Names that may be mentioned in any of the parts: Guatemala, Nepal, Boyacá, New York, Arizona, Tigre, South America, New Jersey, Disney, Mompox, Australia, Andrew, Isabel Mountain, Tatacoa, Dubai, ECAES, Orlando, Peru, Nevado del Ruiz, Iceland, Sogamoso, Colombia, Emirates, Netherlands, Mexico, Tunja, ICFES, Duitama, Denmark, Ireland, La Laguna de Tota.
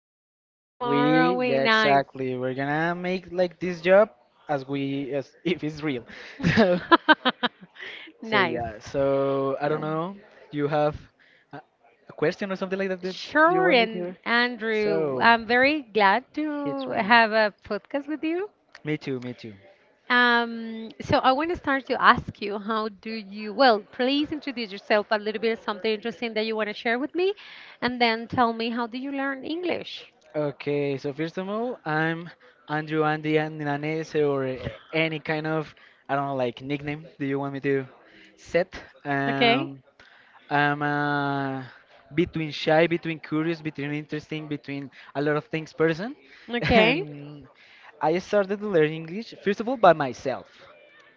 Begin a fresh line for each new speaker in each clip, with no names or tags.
continue tomorrow. We nice.
we're gonna make like this job as we as if it's real. so so
Nice.
yeah so I
Yeah,
don't know, you have a, a question or something like that you
sure,
want me to,
and Andrew,
so
I'm very glad
hit
to
me.
have a podcast with you.
Me too, me too.
So I want to start to ask you, how do you, well, please introduce yourself a little bit, something interesting that you want to share with me, and then tell me how do you learn English?
Okay, so first of all, I'm Andrew, Andy Ninanes, or any kind of, I don't know, like nickname. Do you want me to set?
Okay?
Um, I'm between shy, between curious, between interesting, between a lot of things person.
Okay?
And I started to learn English, first of all, by myself.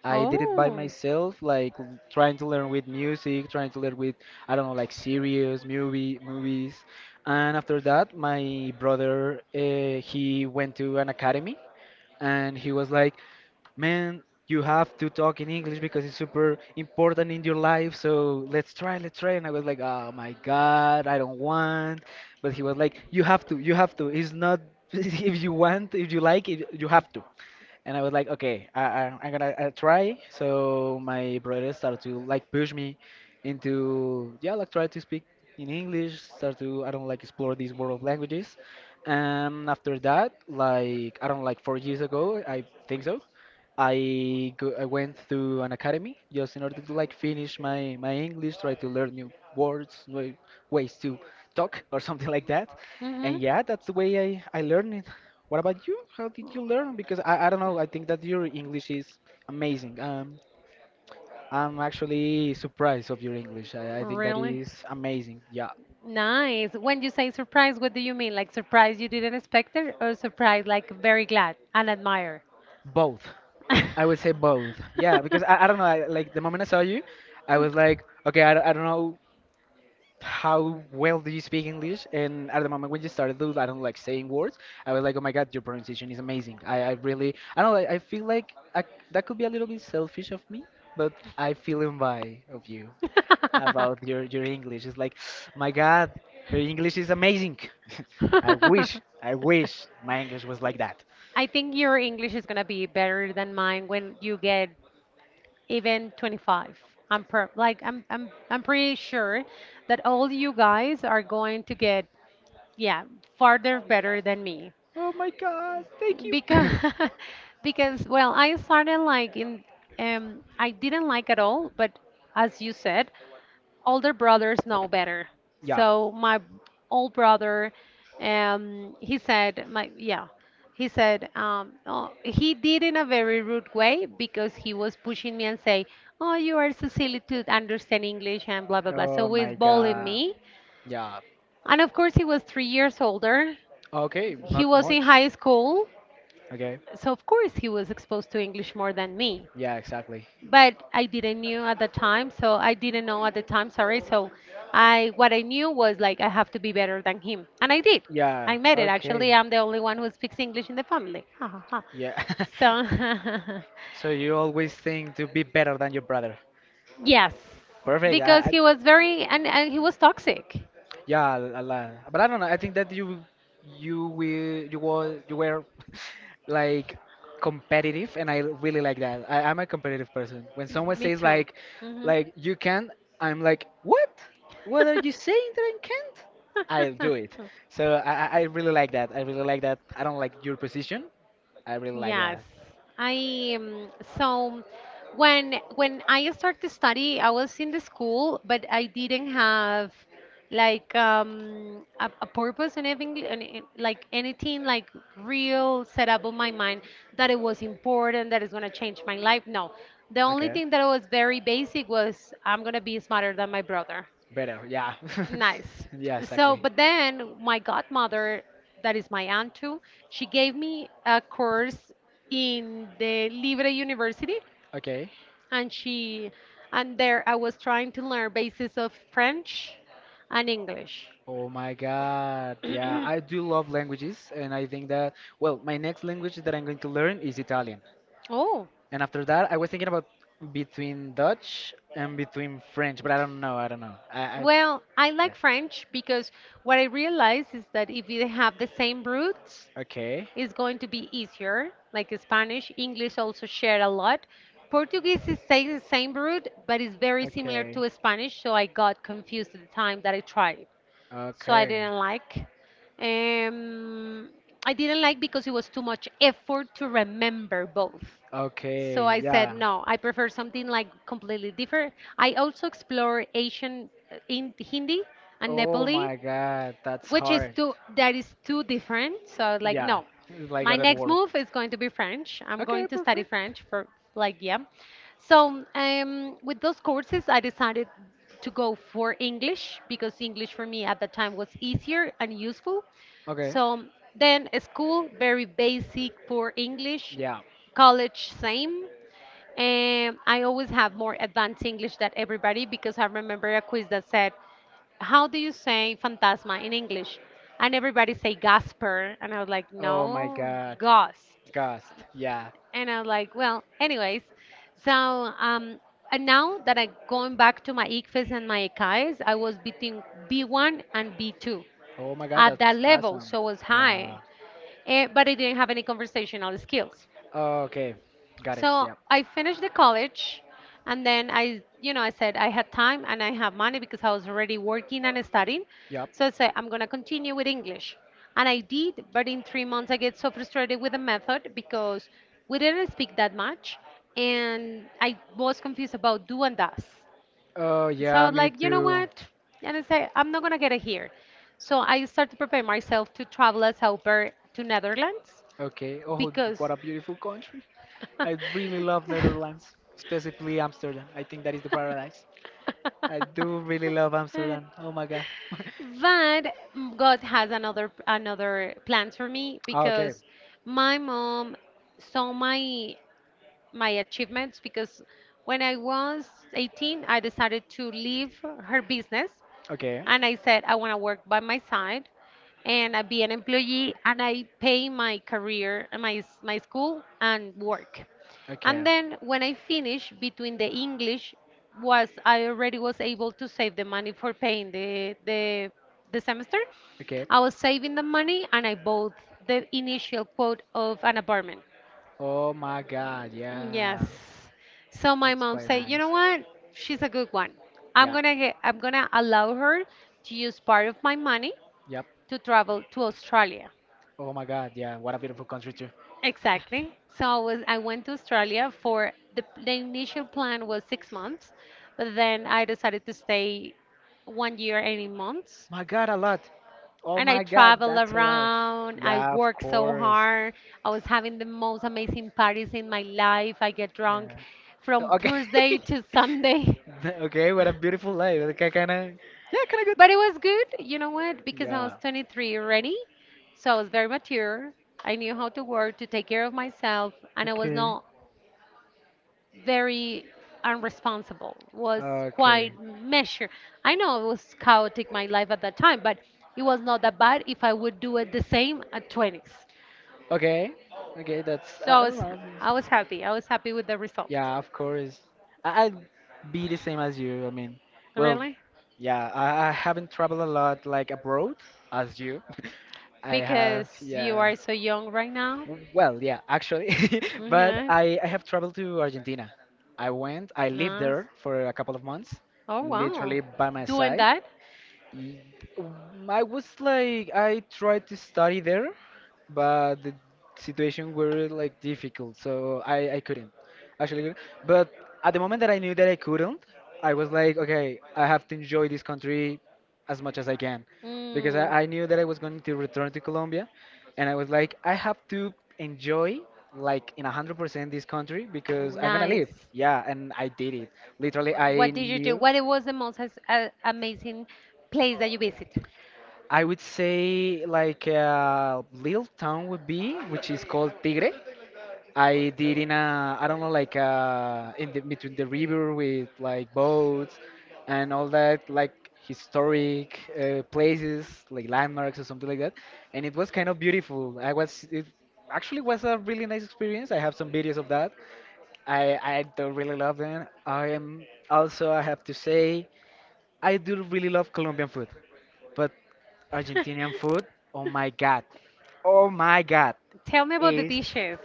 I did it by
Oh,
myself, like trying to learn with music, trying to learn with, I don't know, like series, movies. And after that, my brother, he went to an academy and he was like, man, you have to talk in English because it's super important in your life. So let's try, let's try. And I was like, oh my God, I don't want. But he was like, you have to, you have to. It's not, if you want, if you like it, you have to. And I was like, okay, I'm gonna try. So my brother started to like push me into, yeah, like try to speak in English. Start to, I don't like, explore these world of languages. And after that, like I don't like 4 years ago, I think so. I went through an academy just in order to like finish my English, try to learn new words, new ways to talk or something like that. And
mm-hmm.
yeah, that's the way I learned it. What about you? How did you learn? Because I don't know, I think that your English is amazing. I'm actually surprised of your English. I think that
Really?
is amazing. Yeah,
Nice. When you say surprise, what do you mean? Like surprise you didn't expect it, or surprise like very glad and admire?
both. I would say both. Yeah, because I don't know, I, like the moment I saw you, I was like, okay, I don't know how well do you speak English? And at the moment when you started to, I don't like, saying words, I was like, oh my God, your pronunciation is amazing. I really, I don't know, I feel like I, that could be a little bit selfish of me, but I feel in by of you about your English. It's like, my God, her English is amazing. I wish my English was like that.
I think your English is gonna be better than mine when you get even 25. I'm per like I'm pretty sure that all you guys are going to get, yeah, farther better than me
Oh my God, thank you.
because because well I started like in I didn't like at all, but as you said, older brothers know better.
Yeah.
So my old brother, he said, my yeah, he said, oh, he did in a very rude way because he was pushing me and say, oh, you are so silly to understand English and blah blah blah.
Oh
So he's
my
bullying
God.
me,
Yeah.
and of course he was 3 years older.
Okay,
He
not
was in
much.
high school,
Okay.
so of course he was exposed to English more than me.
Yeah, exactly.
But I didn't knew at the time, so I didn't know at the time, sorry. So I what I knew was like I have to be better than him. And I did.
Yeah,
I made it. Actually,
okay.
I'm the only one who speaks English in the family. Ha, ha, ha.
Yeah.
So
So you always think to be better than your brother.
yes,
Perfect.
because he was very and he was toxic.
Yeah, a lot. But I don't know. I think that you were you were like competitive, and I really like that. I'm a competitive person. When someone
Me
says
too.
like
Hmm.
like you can, I'm like, what? What are you saying that I can't? I'll do it. So I really like that. I really like that. I don't like your position. I really like
Yes,
that.
I so when I started to study, I was in the school, but I didn't have like a purpose and anything, and it- like anything like real set up on my mind that it was important, that it's gonna change my life. No, the only
Okay.
thing that was very basic was I'm gonna be smarter than my brother.
Better, yeah.
Nice.
Yeah,
So,
exactly.
but then my godmother, that is my aunt too, she gave me a course in the Libre University,
Okay.
and she, and there I was trying to learn basis of French and English.
Oh my God. Yeah, I do love languages, and I think that, well, my next language that I'm going to learn is Italian.
Oh,
And after that, I was thinking about between Dutch and between French, but I don't know. I don't know. I
well, I
yeah.
like French because what I realize is that if you have the same roots,
Okay.
is going to be easier, like Spanish. English also share a lot. Portuguese is saying the same root, but it's very similar
Okay.
to Spanish, so I got confused at the time that I tried. So I
Okay.
didn't like. Um, I didn't like because it was too much effort to remember both. So
Okay.
I said,
Yeah.
no, I prefer something like completely different. I also explore Asian in Hindi and
Oh
Nepali,
my god, that's
which is
hard.
too, that is too different, so I was like
Yeah,
no,
it's like
my
other
next
world.
move is going to be French. I'm
Okay,
going to study
perfect.
French for like yeah. So with those courses I decided to go for English because English for me at the time was easier and useful.
Okay.
So then a school very basic for English,
Yeah.
college same. I always have more advanced English than everybody because I remember a quiz that said, "How do you say phantasma in English?" And everybody say Gasper, and I was like,
Oh my
"No,
god.
ghost."
Gust. Yeah.
And I was like, "Well, anyways." So and now that I going back to my ICFES and my ECAES, I was between B1 and B2
Oh my god,
at that
that's
level,
awesome.
so it was high,
Yeah.
eh, but I didn't have any conversational skills.
Oh, okay. Got it.
So
Yeah.
I finished the college, and then I, you know, I said I had time and I have money because I was already working and studying. So I said, I'm going to continue with English. And I did, but in 3 months I get so frustrated with the method because
Yep.
we didn't speak that much and I was confused about do and does.
Oh
So I
yeah,
was
me
like, you know
too.
what? And I said, I'm not going to get it here. So I started to prepare myself to travel as helper to Netherlands
Okay. Oh,
because
what a beautiful country. I really love Netherlands, specifically Amsterdam. I think that is the paradise. I do really love Amsterdam. Oh my God.
but God has another plans for me
Okay,
because my mom saw my achievements because when I was 18, I decided to leave her business
okay, okay.
and I said I want to work by my side and I be an employee and I pay my career, my school and work. And then when I finished between the English was I already was able to save the money for paying the the semester.
Okay.
I was saving the money and I bought the initial quote of an apartment.
Oh my God.
Yes.
Yeah.
So my
That's
mom
quite
said, you
nice.
know what? She's a good one.
Yeah.
I'm gonna allow her to use part of my money
Yep.
to travel to Australia.
Oh my God, yeah, what a beautiful country too.
Exactly. So I was I went to Australia for the initial plan was 6 months, but then I decided to stay 1 year and 8 months.
My God, a lot. Oh
And I
my God,
traveled
that's a lot.
around. I
Yeah, of
worked so
course.
hard. I was having the most amazing parties in my life. I get drunk
Yeah.
from
Okay.
Thursday to Sunday.
Okay, what a beautiful life. Okay, kind of. Yeah, kind of
But it was good, you know what?
good.
Because I was
Yeah.
23 already, so I was very mature. I knew how to work, to take care of myself, and I was
Okay.
not very unresponsible. Was
Okay.
quite measured. I know it was chaotic my life at that time, but it was not that bad if I would do it the same at 20s.
Okay. Okay, that's,
So
I don't know.
I was happy. I was happy with the result.
Yeah, of course. I'd be the same as you. I mean, well,
Really?
yeah, I haven't traveled a lot like abroad as you. I have,
Because you
yeah.
are so young right now.
Well, yeah, actually, but
Yes.
I have traveled to Argentina. I lived
Nice.
there for a couple of months,
Oh wow.
literally by my
Doing
side.
that?
Y- I was like I tried to study there, but the situation were like difficult, so I couldn't actually. Couldn't. But at the moment that I knew that I couldn't, I was like, okay, I have to enjoy this country as much as I can, because
Mm,
I knew that I was going to return to Colombia, and I was like, I have to enjoy like in 100% this country because I'm gonna leave.
nice.
Yeah, and I did it. Literally, I
What did you do?
knew.
What it was the most amazing place that you visit?
I would say like a little town would be, which is called Tigre. I did in a, I don't know, like in the between the river with like boats and all that, like historic places, like landmarks or something like that. And it was kind of beautiful. I was, it actually was a really nice experience. I have some videos of that. I do really love them. I am also, I have to say, I do really love Colombian food. But Argentinian food, oh my god, oh my god,
Tell me about the
is
dishes.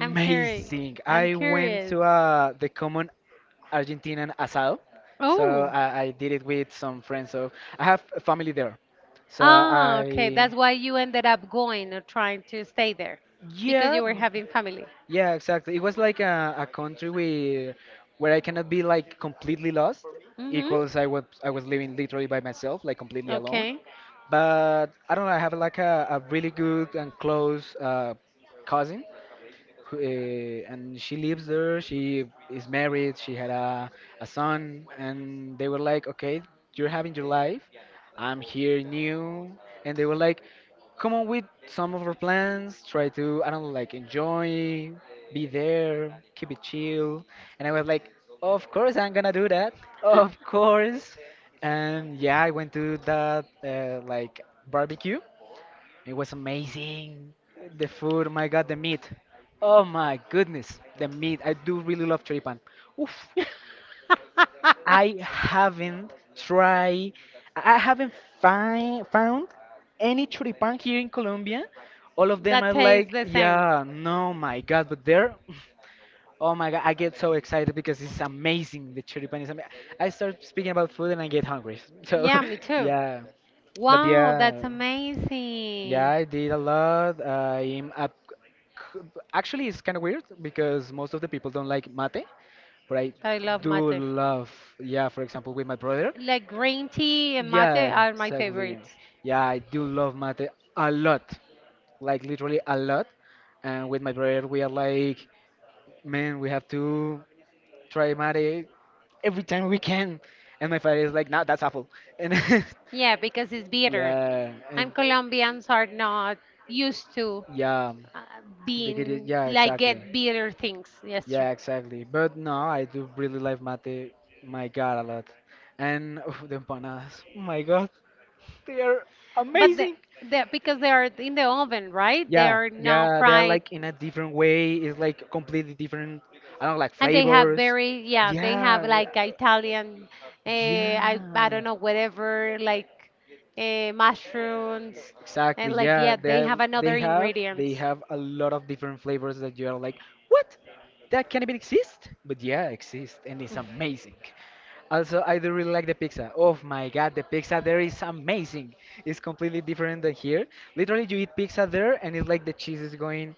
I'm curious. I'm
I went
curious.
to the common Argentinian asado, so
Oh,
I did it with some friends. So I have a family there, so
ah, okay.
I,
That's why you ended up going or trying to stay there because
yeah,
you were having family.
yeah, exactly. It was like a country where I cannot be like completely lost.
Mm-hmm.
Equals I was living literally by myself, like completely alone.
Okay.
But I don't know, I have like a really good and close cousin, and she lives there. She is married. She had a son, and they were like, "Okay, you're having your life. I'm here new." And they were like, "Come on with some of our plans. Try to, I don't know, like enjoy, be there, keep it chill." And I was like, "Of course I'm gonna do that. Of course." And yeah, I went to that like barbecue, it was amazing. The food, oh my God, the meat. Oh my goodness, the meat. I do really love choripan. Oof. I haven't tried, I haven't find, found any choripan here in Colombia. All of them
That
are
tastes
like,
the same.
yeah, no, my God, but there, oh my God, I get so excited because it's amazing. The choripan is amazing. I start speaking about food and I get hungry. So,
Yeah, me too.
yeah, but
Wow, that's
yeah. Yeah,
amazing.
I did a lot. I'm up. Actually, it's kind of weird because most of the people don't like mate, but I
I love
do
mate.
love, yeah, for example, with my brother.
Like green tea and mate
Yeah,
are my
exactly.
favorites.
Yeah, I do love mate a lot, like literally a lot. And with my brother, we are like, man, we have to try mate every time we can. And my father is like, no, that's awful. And
Yeah, because it's bitter.
yeah,
And
and
Colombians are not used to
yeah,
uh,
they get it.
being
Yeah,
like
exactly.
get bitter things. Yes, true.
Yeah, exactly. But no, I do really like mate, my God, a lot. And oof, the empanadas, oh my God, they are
But
amazing.
the because they are in the oven, right? They
Yeah,
are not
yeah, they are
fried.
like in a different way. It's like completely different. I don't know, like
And they have
flavors.
very, yeah, they have
Yeah,
like Italian, I
yeah.
don't know, whatever, like mushrooms.
Exactly.
And like,
Yeah,
yeah, they have
they
another
have, they
ingredients.
have a lot of different flavors that you are like, what? That can't even exist? But yeah, exist and it's amazing. Also, I do really like the pizza. Oh my god, the pizza there is amazing. It's completely different than here. Literally, you eat pizza there, and it's like the cheese is going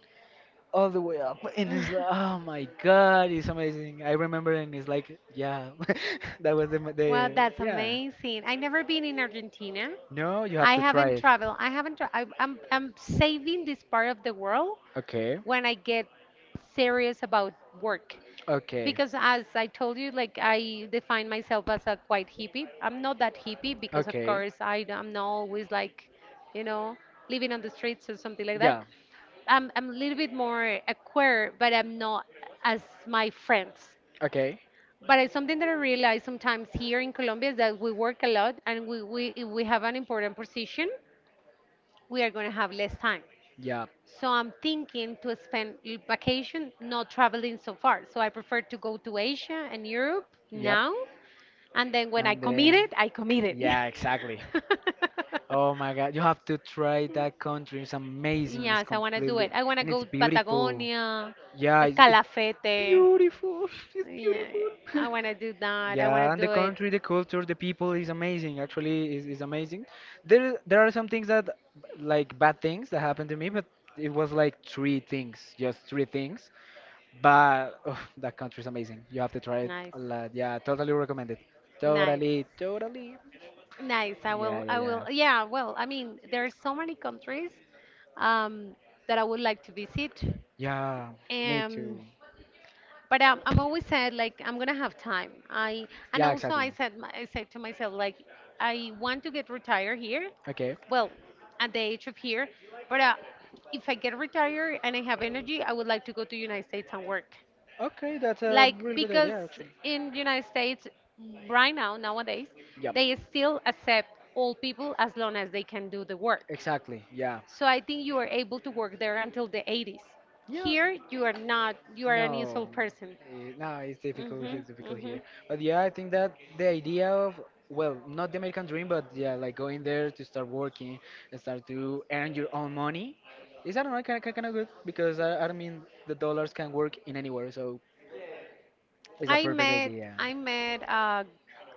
all the way up, and it's like, oh my god, it's amazing. I remember, and it's like, yeah, that was the, mo-
Well,
the
that's
yeah.
amazing. I never been in Argentina.
No, you have
I
to try
haven't
it.
traveled. I haven't, tra- I, I'm saving this part of the world
Okay,
when I get serious about work.
okay,
Because as I told you, like I define myself as a quite hippie. I'm not that hippie because, of
okay.
course, I am not always like, you know, living on the streets or something like that.
Yeah.
I'm a little bit more a queer, but I'm not as my friends.
Okay.
But it's something that I realize sometimes here in Colombia is that we work a lot and we, if we have an important position, we are going to have less time.
Yeah.
So I'm thinking to spend vacation not traveling so far. So I prefer to go to Asia and Europe
Yep.
now. And then when I
And
commit
then,
it, I commit it.
yeah, exactly. Oh my God, you have to try that country. It's amazing. It's
Yes, I want to do
completely,
it. I want to
and it's
go to
beautiful.
Patagonia,
It's
Escalafete.
beautiful. It's
Yeah,
beautiful.
I want to do that. I want
Yeah,
to
and the
do it.
country, the culture, the people is amazing. Actually, is amazing. There are some things that, like bad things that happened to me, but it was like three things, just three things. But oh, that country is amazing. You have to try it
Nice.
a lot. Yeah, totally recommend it.
Nice.
Totally, totally.
Nice. I
Yeah,
will,
yeah,
I
yeah.
will. Yeah, well, I mean, there are so many countries um, that I would like to visit.
Yeah, me
Um,
too.
but I'm always said like I'm gonna have time. I and
Yeah,
also
exactly.
I said I said to myself like I want to get retired here,
Okay.
well, at the age of here, but if I get retired and I have energy, I would like to go to United States and work.
Okay, that's a
Like
really good
because
idea, actually.
in United States right now nowadays
Yep.
they still accept all people as long as they can do the work.
Exactly. Yeah.
So I think you are able to work there until the 80s.
Yeah.
Here you are not. You are an
No,
useful person.
eh, no,
Mhm,
it's difficult
mhm.
here. But yeah, I think that the idea of, well, not the American dream, but yeah, like going there to start working and start to earn your own money is, I don't know, kind of good because I mean, the dollars can work in anywhere, so it's a
I
perfect
met
idea.
I met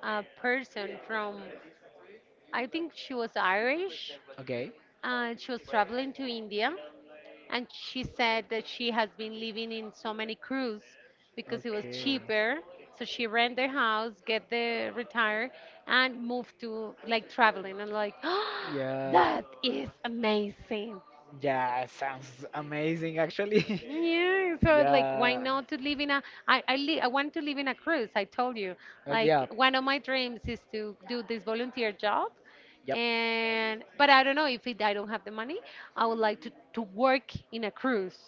a person from I think she was Irish
Okay.
and she was traveling to India and she said that she has been living in so many crews because it was
Okay.
cheaper. So she rent their house, get the retire and move to like traveling and like
Yeah,
that is amazing.
yeah, sounds amazing actually.
Yeah, so like, why
Yeah.
not to live in a? I want to live in a cruise. I told you,
Yeah.
like, one of my dreams is to do this volunteer job,
Yep.
and but I don't know if it, I don't have the money. I would like to work in a cruise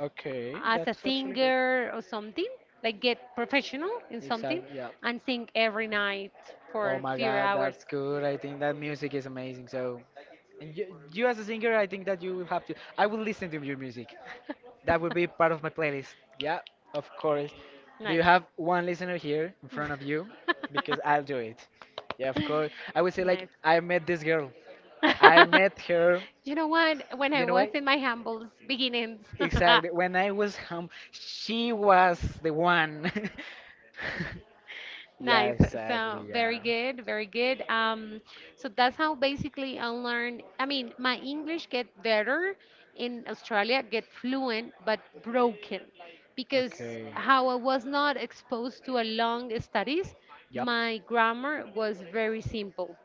Okay,
as a
that's actually good.
singer or something, like get professional in something
Exactly. Yeah.
and sing every night for
Oh
a
my
few
God,
hours.
that's good. I think that music is amazing. So, and you as a singer, I think that you will have to. I will listen to your music. That would be part of my playlist. Yeah, of course. Do you
nice.
have one listener here in front of you? Because I'll do it. Yeah, of course. I would say like I met this girl. I met her.
You know what? When I
You know
was
what?
in my humble beginnings,
Exactly. When I was home, she was the one. Yeah,
nice.
exactly.
So
Yeah.
very good, very good. So that's how basically I learned. I mean, my English get better in Australia, get fluent, but broken, because
Okay.
how I was not exposed to a long studies,
Yep.
my grammar was very simple.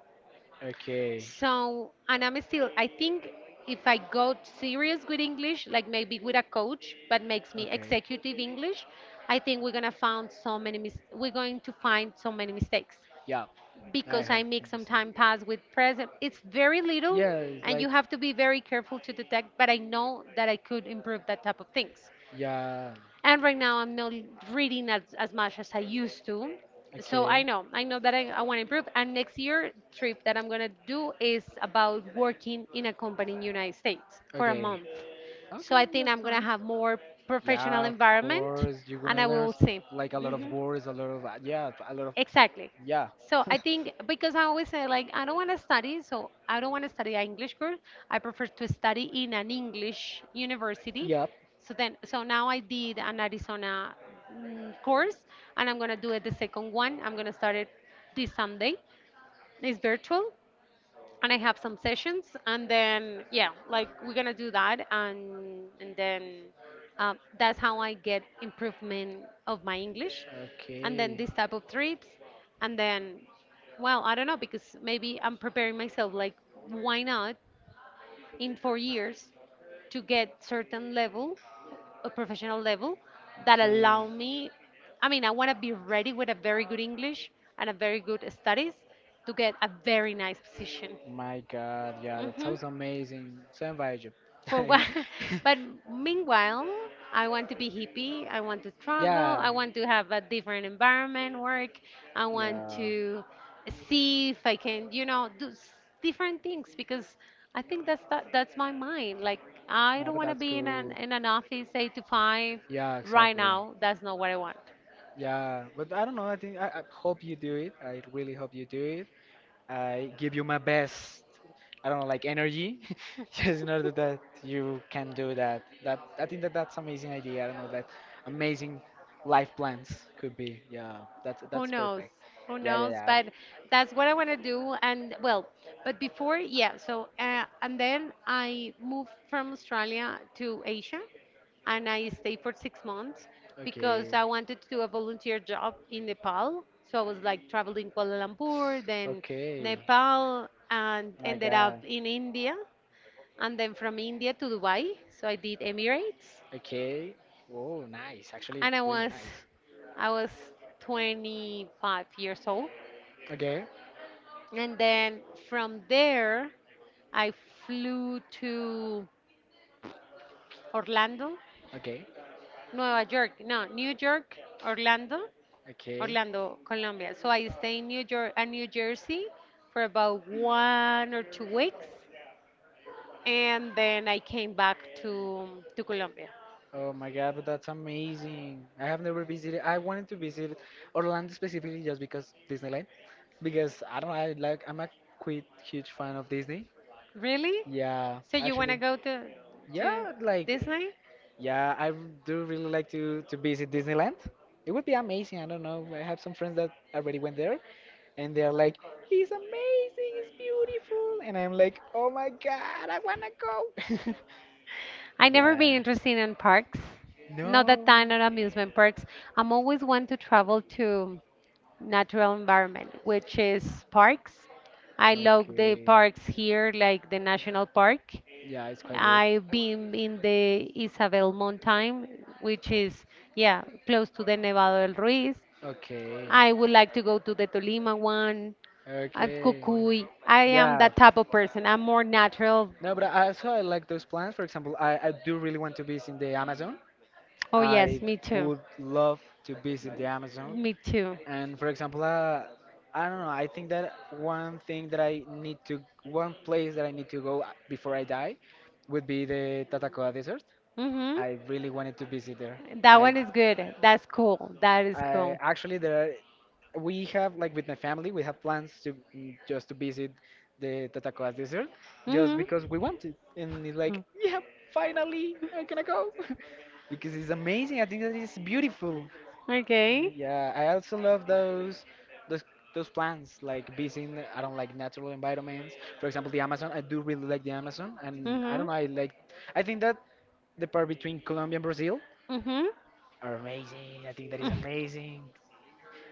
Okay.
So, and I'm still, I think if I got serious with English, like maybe with a coach, but makes me
Okay.
executive English, I think we're gonna find so many we're going to find so many mistakes
Yeah. I
because I
have
mix some
things.
time past with present. It's very little,
Yeah, it's
and you
like.
have to be very careful to detect. But I know that I could improve that type of things,
Yeah.
and right now I'm not reading as much as I used to. So i
Okay.
know i know that I want to improve, and next year trip that I'm going to do is about working in a company in United States for a
Okay.
month. So I think I'm going to have more professional
Yeah, of
environment,
course. You're
and
gonna
I
learn
will
s-
see.
like a lot of words, a lot of yeah, a lot of
Exactly.
yeah.
So I think because I always say like I don't want to study, so I don't want to study an English course. I prefer to study in an English university.
Yep.
So now I did an Arizona course, and I'm gonna do it the second one. I'm gonna start it this Sunday. It's virtual, and I have some sessions, and then yeah, like we're gonna do that, and then that's how I get improvement of my English, and then
Okay.
this type of trips, and then well, I don't know because maybe I'm preparing myself. Like, why not in 4 years to get certain level, a professional level, that
Okay.
allow me. I mean, I want to be ready with a very good English and a very good studies to get a very nice position.
My God, yeah, that
Hmm.
sounds amazing. Same by you.
For what? But meanwhile, I want to be hippie, I want to travel,
Yeah,
I want to have a different environment work, I want
yeah.
to see if I can, you know, do different things because I think that's my mind. Like, I
No,
don't
but
want to
that's
be in an
good.
in an office 8 to 5.
Yeah,
Right
exactly.
now that's not what I want.
Yeah, but I don't know. I think I hope you do it. I really hope you do. I give you my best, I don't know, like energy, just in order that you can do that. That I think that that's amazing idea. I don't know that amazing life plans could be. Yeah, that's
Who
that's
knows?
perfect.
Who
Yeah, yeah,
knows?
yeah.
But that's what I want to do. And well, but before, yeah. So and then I moved from Australia to Asia, and I stayed for 6 months because
Okay.
I wanted to do a volunteer job in Nepal. So I was like traveling Kuala Lumpur, then
Okay.
Nepal, and
My
ended up
God.
in India, and then from India to Dubai. So I did Emirates,
Okay. Whoa, nice. Actually,
and
really nice.
I was 25 years old.
Okay.
And then from there, I flew to Orlando,
Okay.
Nueva York, no, New York, Orlando,
Okay.
Orlando, Colombia. So I stayed in New York and New Jersey for about one or two weeks, and then I came back to Colombia.
Oh my God, but that's amazing. I have never visited. I wanted to visit Orlando specifically just because Disneyland. Because I don't know, I like I'm a quite huge fan of Disney.
Really?
Yeah,
So you wanna
actually.
go to
Yeah, like
Disney?
yeah, I r- do really like to visit Disneyland. It would be amazing. I don't know. I have some friends that already went there, and they're like, "It's amazing. It's beautiful." And I'm like, "Oh my God, I wanna go."
I never been
Yeah.
interested in parks. Not that
No.
time, not amusement parks. I'm always one to travel to natural environment, which is parks. I love the
Okay.
parks here, like the national park.
Yeah, it's quite good.
I've been in the Isabel Mountain, which is yeah close to the Nevado del Ruiz.
Okay.
I would like to go to the Tolima one, at
Okay.
Cucuy. I am
Yeah.
that type of person. I'm more natural.
No, but I also I like those plans. For example, I do really want to visit the Amazon.
Oh yes,
I
me too.
would love to visit the Amazon.
Me too.
And for example, I don't know. I think that one thing that I need to, one place that I need to go before I die, would be the Tatacoa Desert.
Mm-hmm.
I really wanted to visit there.
That
I,
one is good. That's cool. That is
I
cool.
actually there. We have like with my family we have plans to just to visit the Tatacoas desert just because we want it, and it's
Mm-hmm.
like yeah, finally I'm gonna go because it's amazing. I think that it's beautiful.
Okay.
Yeah, I also love those those plans like visiting, I don't like natural environments. For example, the Amazon, I do really like the Amazon, and I
Mm-hmm.
don't know, I like I think that the part between Colombia and Brazil
Mm-hmm.
are amazing. I think that is amazing.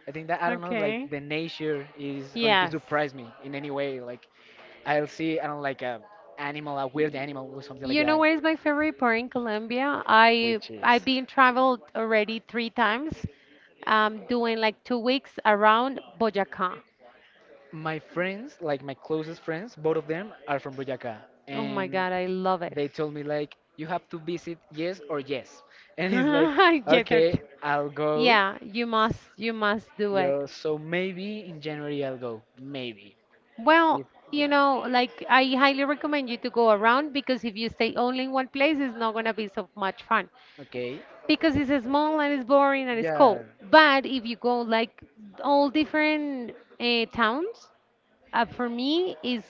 I think that I don't know, like
Okay.
the nature is going to
Yes.
surprise me in any way. Like I'll see, I don't like a animal, a weird animal or something like
You know
that,
where is my favorite part in Colombia?
which
I've
is
been traveled already three times. Doing like 2 weeks around Boyacá.
my friends, like my closest friends, both of them are from Boyacá,
Oh my
and
God, I love it.
they told me like you have to visit yes or yes, and it's like
Yes, sir.
okay, I'll go.
Yeah, you must do it.
Yo, so maybe in January I'll go, maybe
Well,
if
you
yeah,
know, like I highly recommend you to go around because if you stay only in one place, it's not gonna be so much fun,
okay,
because it's small and it's boring and it's cold.
yeah.
But if you go like all different towns, uh, for me is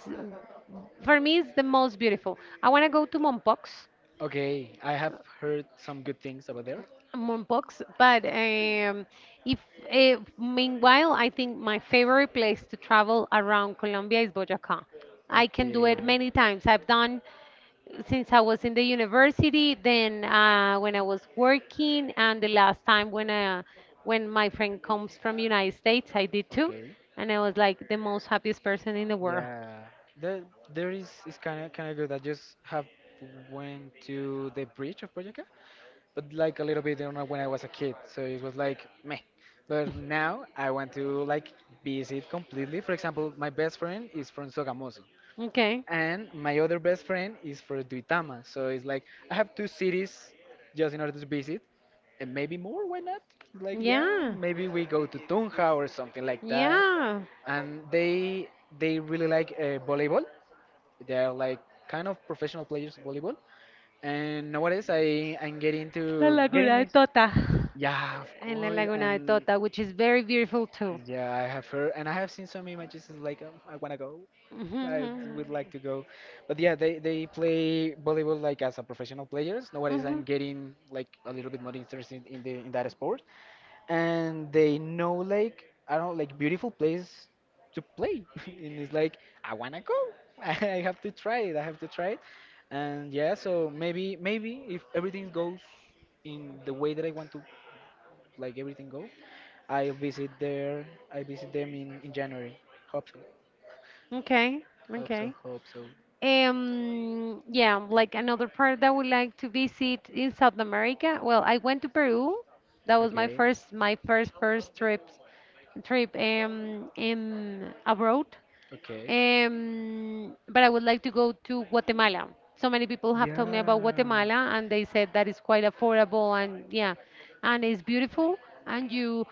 for me it's the most beautiful. I want to go to Mompox,
Okay, I have heard some good things about there.
Mompox, but if meanwhile I think my favorite place to travel around Colombia is Boyacá. I can do it
Okay,
many times. I've done since I was in the university, then when I was working, and the last time when my friend comes from United States, I did too,
okay,
and I was like the most happiest person in the world.
yeah. The there is kind of good. I just have went to the bridge of Boyacá, but like a little bit you know, when I was a kid, so it was like meh. But now I want to like visit completely. For example, my best friend is from Sogamoso,
Okay.
and my other best friend is from Duitama. So it's like I have two cities just in order to visit, and maybe more. Why not? It's like yeah,
Yeah.
maybe we go to Tunja or something like that.
Yeah.
And they really like volleyball. They are like kind of professional players of volleyball. And nowadays I'm getting
La
to getting
Laguna de
this.
Tota.
Yeah, of
In La
course.
Laguna de
And
Tota, which is very beautiful too.
yeah, I have heard, and I have seen some images. It's like, I wanna go. I
Hmm.
would like to go, but yeah, they play volleyball like as a professional players. Nowadays,
Hmm.
I'm getting like a little bit more interested in the in that sport, and they know like I don't like beautiful place to play, and it's like I wanna go. I have to try it. I have to try it, and yeah, so maybe if everything goes in the way that I want to, like everything go, I visit there. I visit them in January. Hope so.
Okay.
Hope so,
Okay.
hope so.
Yeah, like another part that I would like to visit in South America. Well, I went to Peru. That was my
Okay.
first, first trip, trip in abroad.
Okay.
But I would like to go to Guatemala. So many people have told me about
Yeah.
Guatemala, and they said that it's quite affordable and yeah, and it's beautiful, and you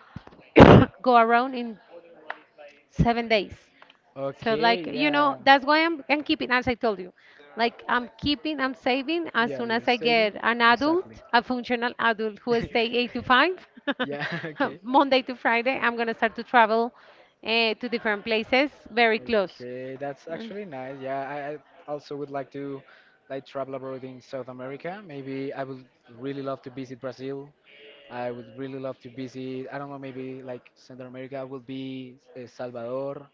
go around in 7 days. So
Okay.
like you know,
Yeah.
that's why I'm keeping, as I told you, like I'm saving as
Yeah,
soon
you're
as I get
saving.
an
Exactly.
adult, a functional adult who will stay eight to five,
Yeah. Okay.
Monday to Friday. I'm gonna start to travel to different places very close.
Okay, that's
Mm,
actually nice. Yeah, I also would like to like travel abroad in South America. Maybe I would really love to visit Brazil. I would really love to visit, I don't know, maybe like Central America would be El Salvador.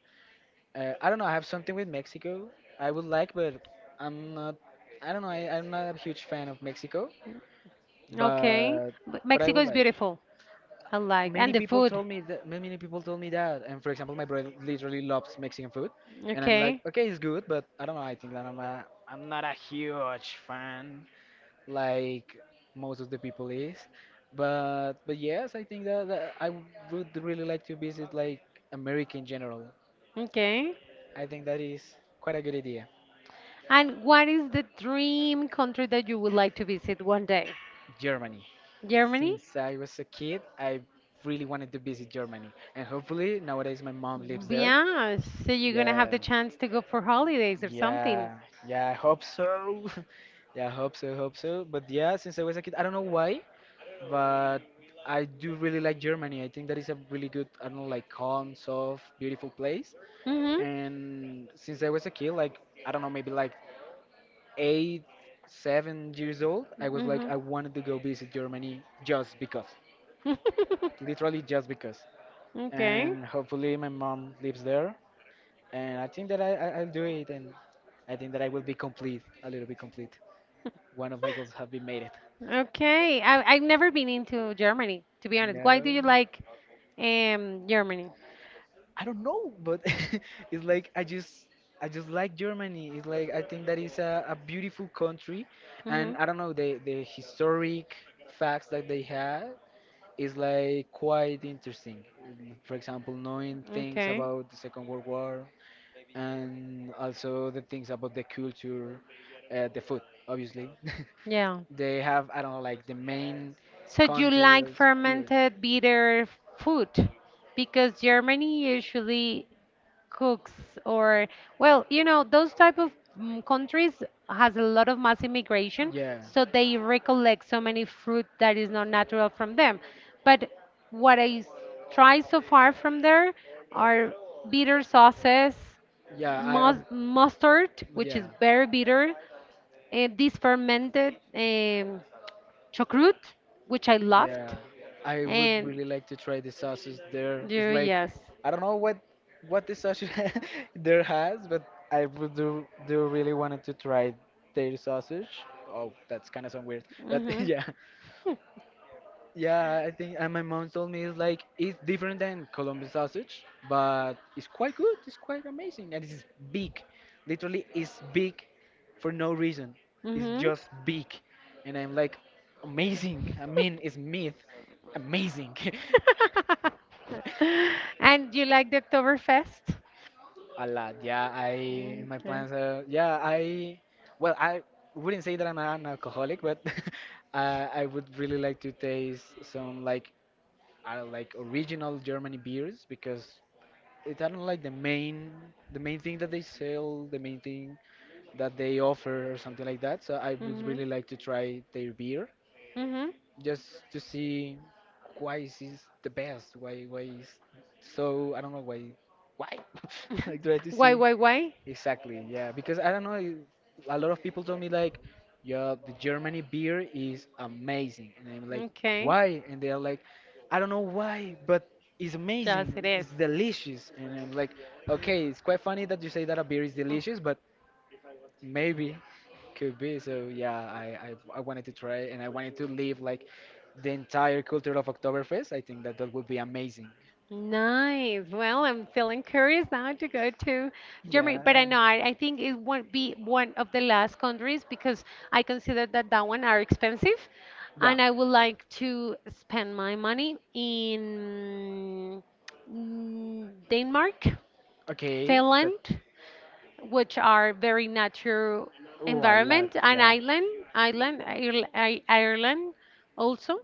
I don't know, I have something with Mexico. I would like, but I'm not, I don't know, I'm not a huge fan of Mexico,
okay.
but
But
but I
Mexico
would
is
like.
beautiful. I like and
Many
the
people
food.
told me that ma- many people told me that. And for example, my brother literally loves Mexican food, and I'm like,
Okay,
okay, it's good, but I don't know. I think that I'm not a huge fan like most of the people is. But yes, I think that, that I would really like to visit like America in general.
okay.
I think that is quite a good idea.
And what is the dream country that you would like to visit one day?
Germany.
Germany?
Since I was a kid, I really wanted to visit Germany, and hopefully nowadays my mom lives there.
Yeah, so you're gonna have
Yeah.
the chance to go for holidays or something.
Yeah, yeah, I hope so. Yeah, I hope so, hope so. But yeah, since I was a kid, I don't know why, but I do really like Germany. I think that is a really good, I don't know, like calm, soft, beautiful place.
Mm-hmm.
And since I was a kid, like, I don't know, maybe like eight, 7 years old, I was like,
Mm-hmm.
I wanted to go visit Germany just because. Literally just because.
Okay.
And hopefully my mom lives there. And I think that I'll do it, and I think that I will be complete, a little bit complete. One of my goals have been made it.
Okay. I, I've never been into Germany, to be honest. Why do you like Germany?
I don't know, but it's like I just like Germany. It's like I think that is a beautiful country,
Mm-hmm.
and I don't know the historic facts that they have is like quite interesting. For example, knowing things
Okay.
about the Second World War and also the things about the culture, the food, obviously.
Yeah.
They have I don't know like the main
So you
country
like
of beer.
fermented bitter food? Because Germany usually cooks or well, you know, those type of countries has a lot of mass immigration,
Yeah.
so they recollect so many fruit that is not natural from them. But what try so far from there are bitter sauces,
Yeah. I. I
mustard, which
yeah.
is very bitter, and this fermented chocrut, which I loved,
Yeah, I would
and
really like to try the sausage there. It's
yeah,
like
yes,
I don't know what the sausage there has, but I would do, do really wanted to try their sausage. Oh, that's kind of sound weird, but
mhm,
yeah, yeah, I think, and my mom told me it's like it's different than Colombian sausage, but it's quite good. It's quite amazing, and it's big. Literally, it's big for no reason. It's
mhm.
just big, and I'm like, amazing. I mean, it's meat, amazing.
And you like the Oktoberfest?
A lot, yeah. I in my
Okay.
plans, yeah. I well, I wouldn't say that I'm an alcoholic, but I would really like to taste some like original Germany beers because it I do not like the main thing that they sell, the main thing that they offer or something like that. So I would
Mhm.
really like to try their beer
Mhm.
just to see why is this the best, why is so I don't know why like try to see.
Why, why?
Exactly, yeah. Because I don't know, you- a lot of people told me like, yeah, the Germany beer is amazing, and I'm like,
Okay.
why? And they're like, I don't know why, but it's
Yes,
amazing.
it is.
It's delicious, and I'm like, okay, it's quite funny that you say that a beer is delicious, but maybe could be. So yeah, I wanted to try and I wanted to live like the entire culture of Oktoberfest. I think that that would be amazing.
Nice. Well, I'm feeling curious now to go to Germany, but I
Yeah.
know I think it won't be one of the last countries because I consider that that one are expensive,
Yeah.
and I would like to spend my money in Denmark,
Okay.
Finland, which are very natural
Oh, a lot.
environment, and
Yeah.
Ireland, Ireland also.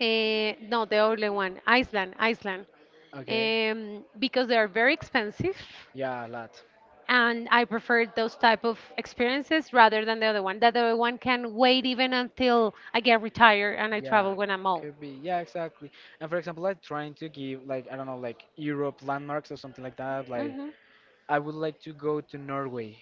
Eh, no, the other one, Iceland, Iceland,
Okay.
because they are very expensive,
Yeah, a lot.
and I prefer those type of experiences rather than the other one. That other one can wait even until I get retired and I
Yeah,
travel when I'm old.
could be. Yeah, exactly. And for example, like trying to give like I don't know like Europe landmarks or something like that. Like
Hmm.
I would like to go to Norway.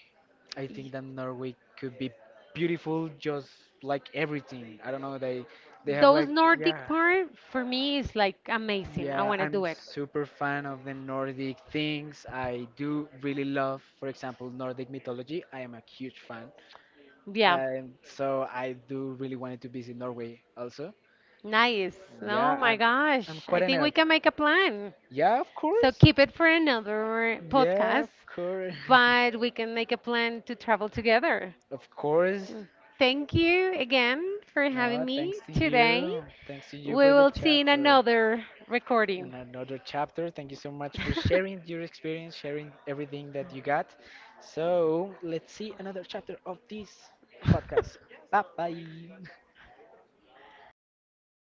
I think that Norway could be beautiful, just like everything. I don't know. They have
Those
like
Nordic
yeah
part for me is like amazing. I
yeah.
want to
I'm
do it.
super fan of the Nordic things. I do really love, for example, Nordic mythology. I am a huge fan,
Yeah,
and so I do really wanted to visit Norway also.
nice.
Yeah,
Oh my
I'm
gosh,
quite
I
an
think we
nerd.
can make a plan.
Yeah, of
So
course.
keep it for another
Yeah, of
podcast,
course.
but we can make a plan to travel together.
Of course.
Mm. Thank you again for
No,
having me
thanks to
today.
you. Thanks to you
We
for the
will see in
chapter.
another
And
recording.
another chapter. Thank you so much for sharing your experience, sharing everything that you got. So let's see another chapter of this podcast. Bye bye.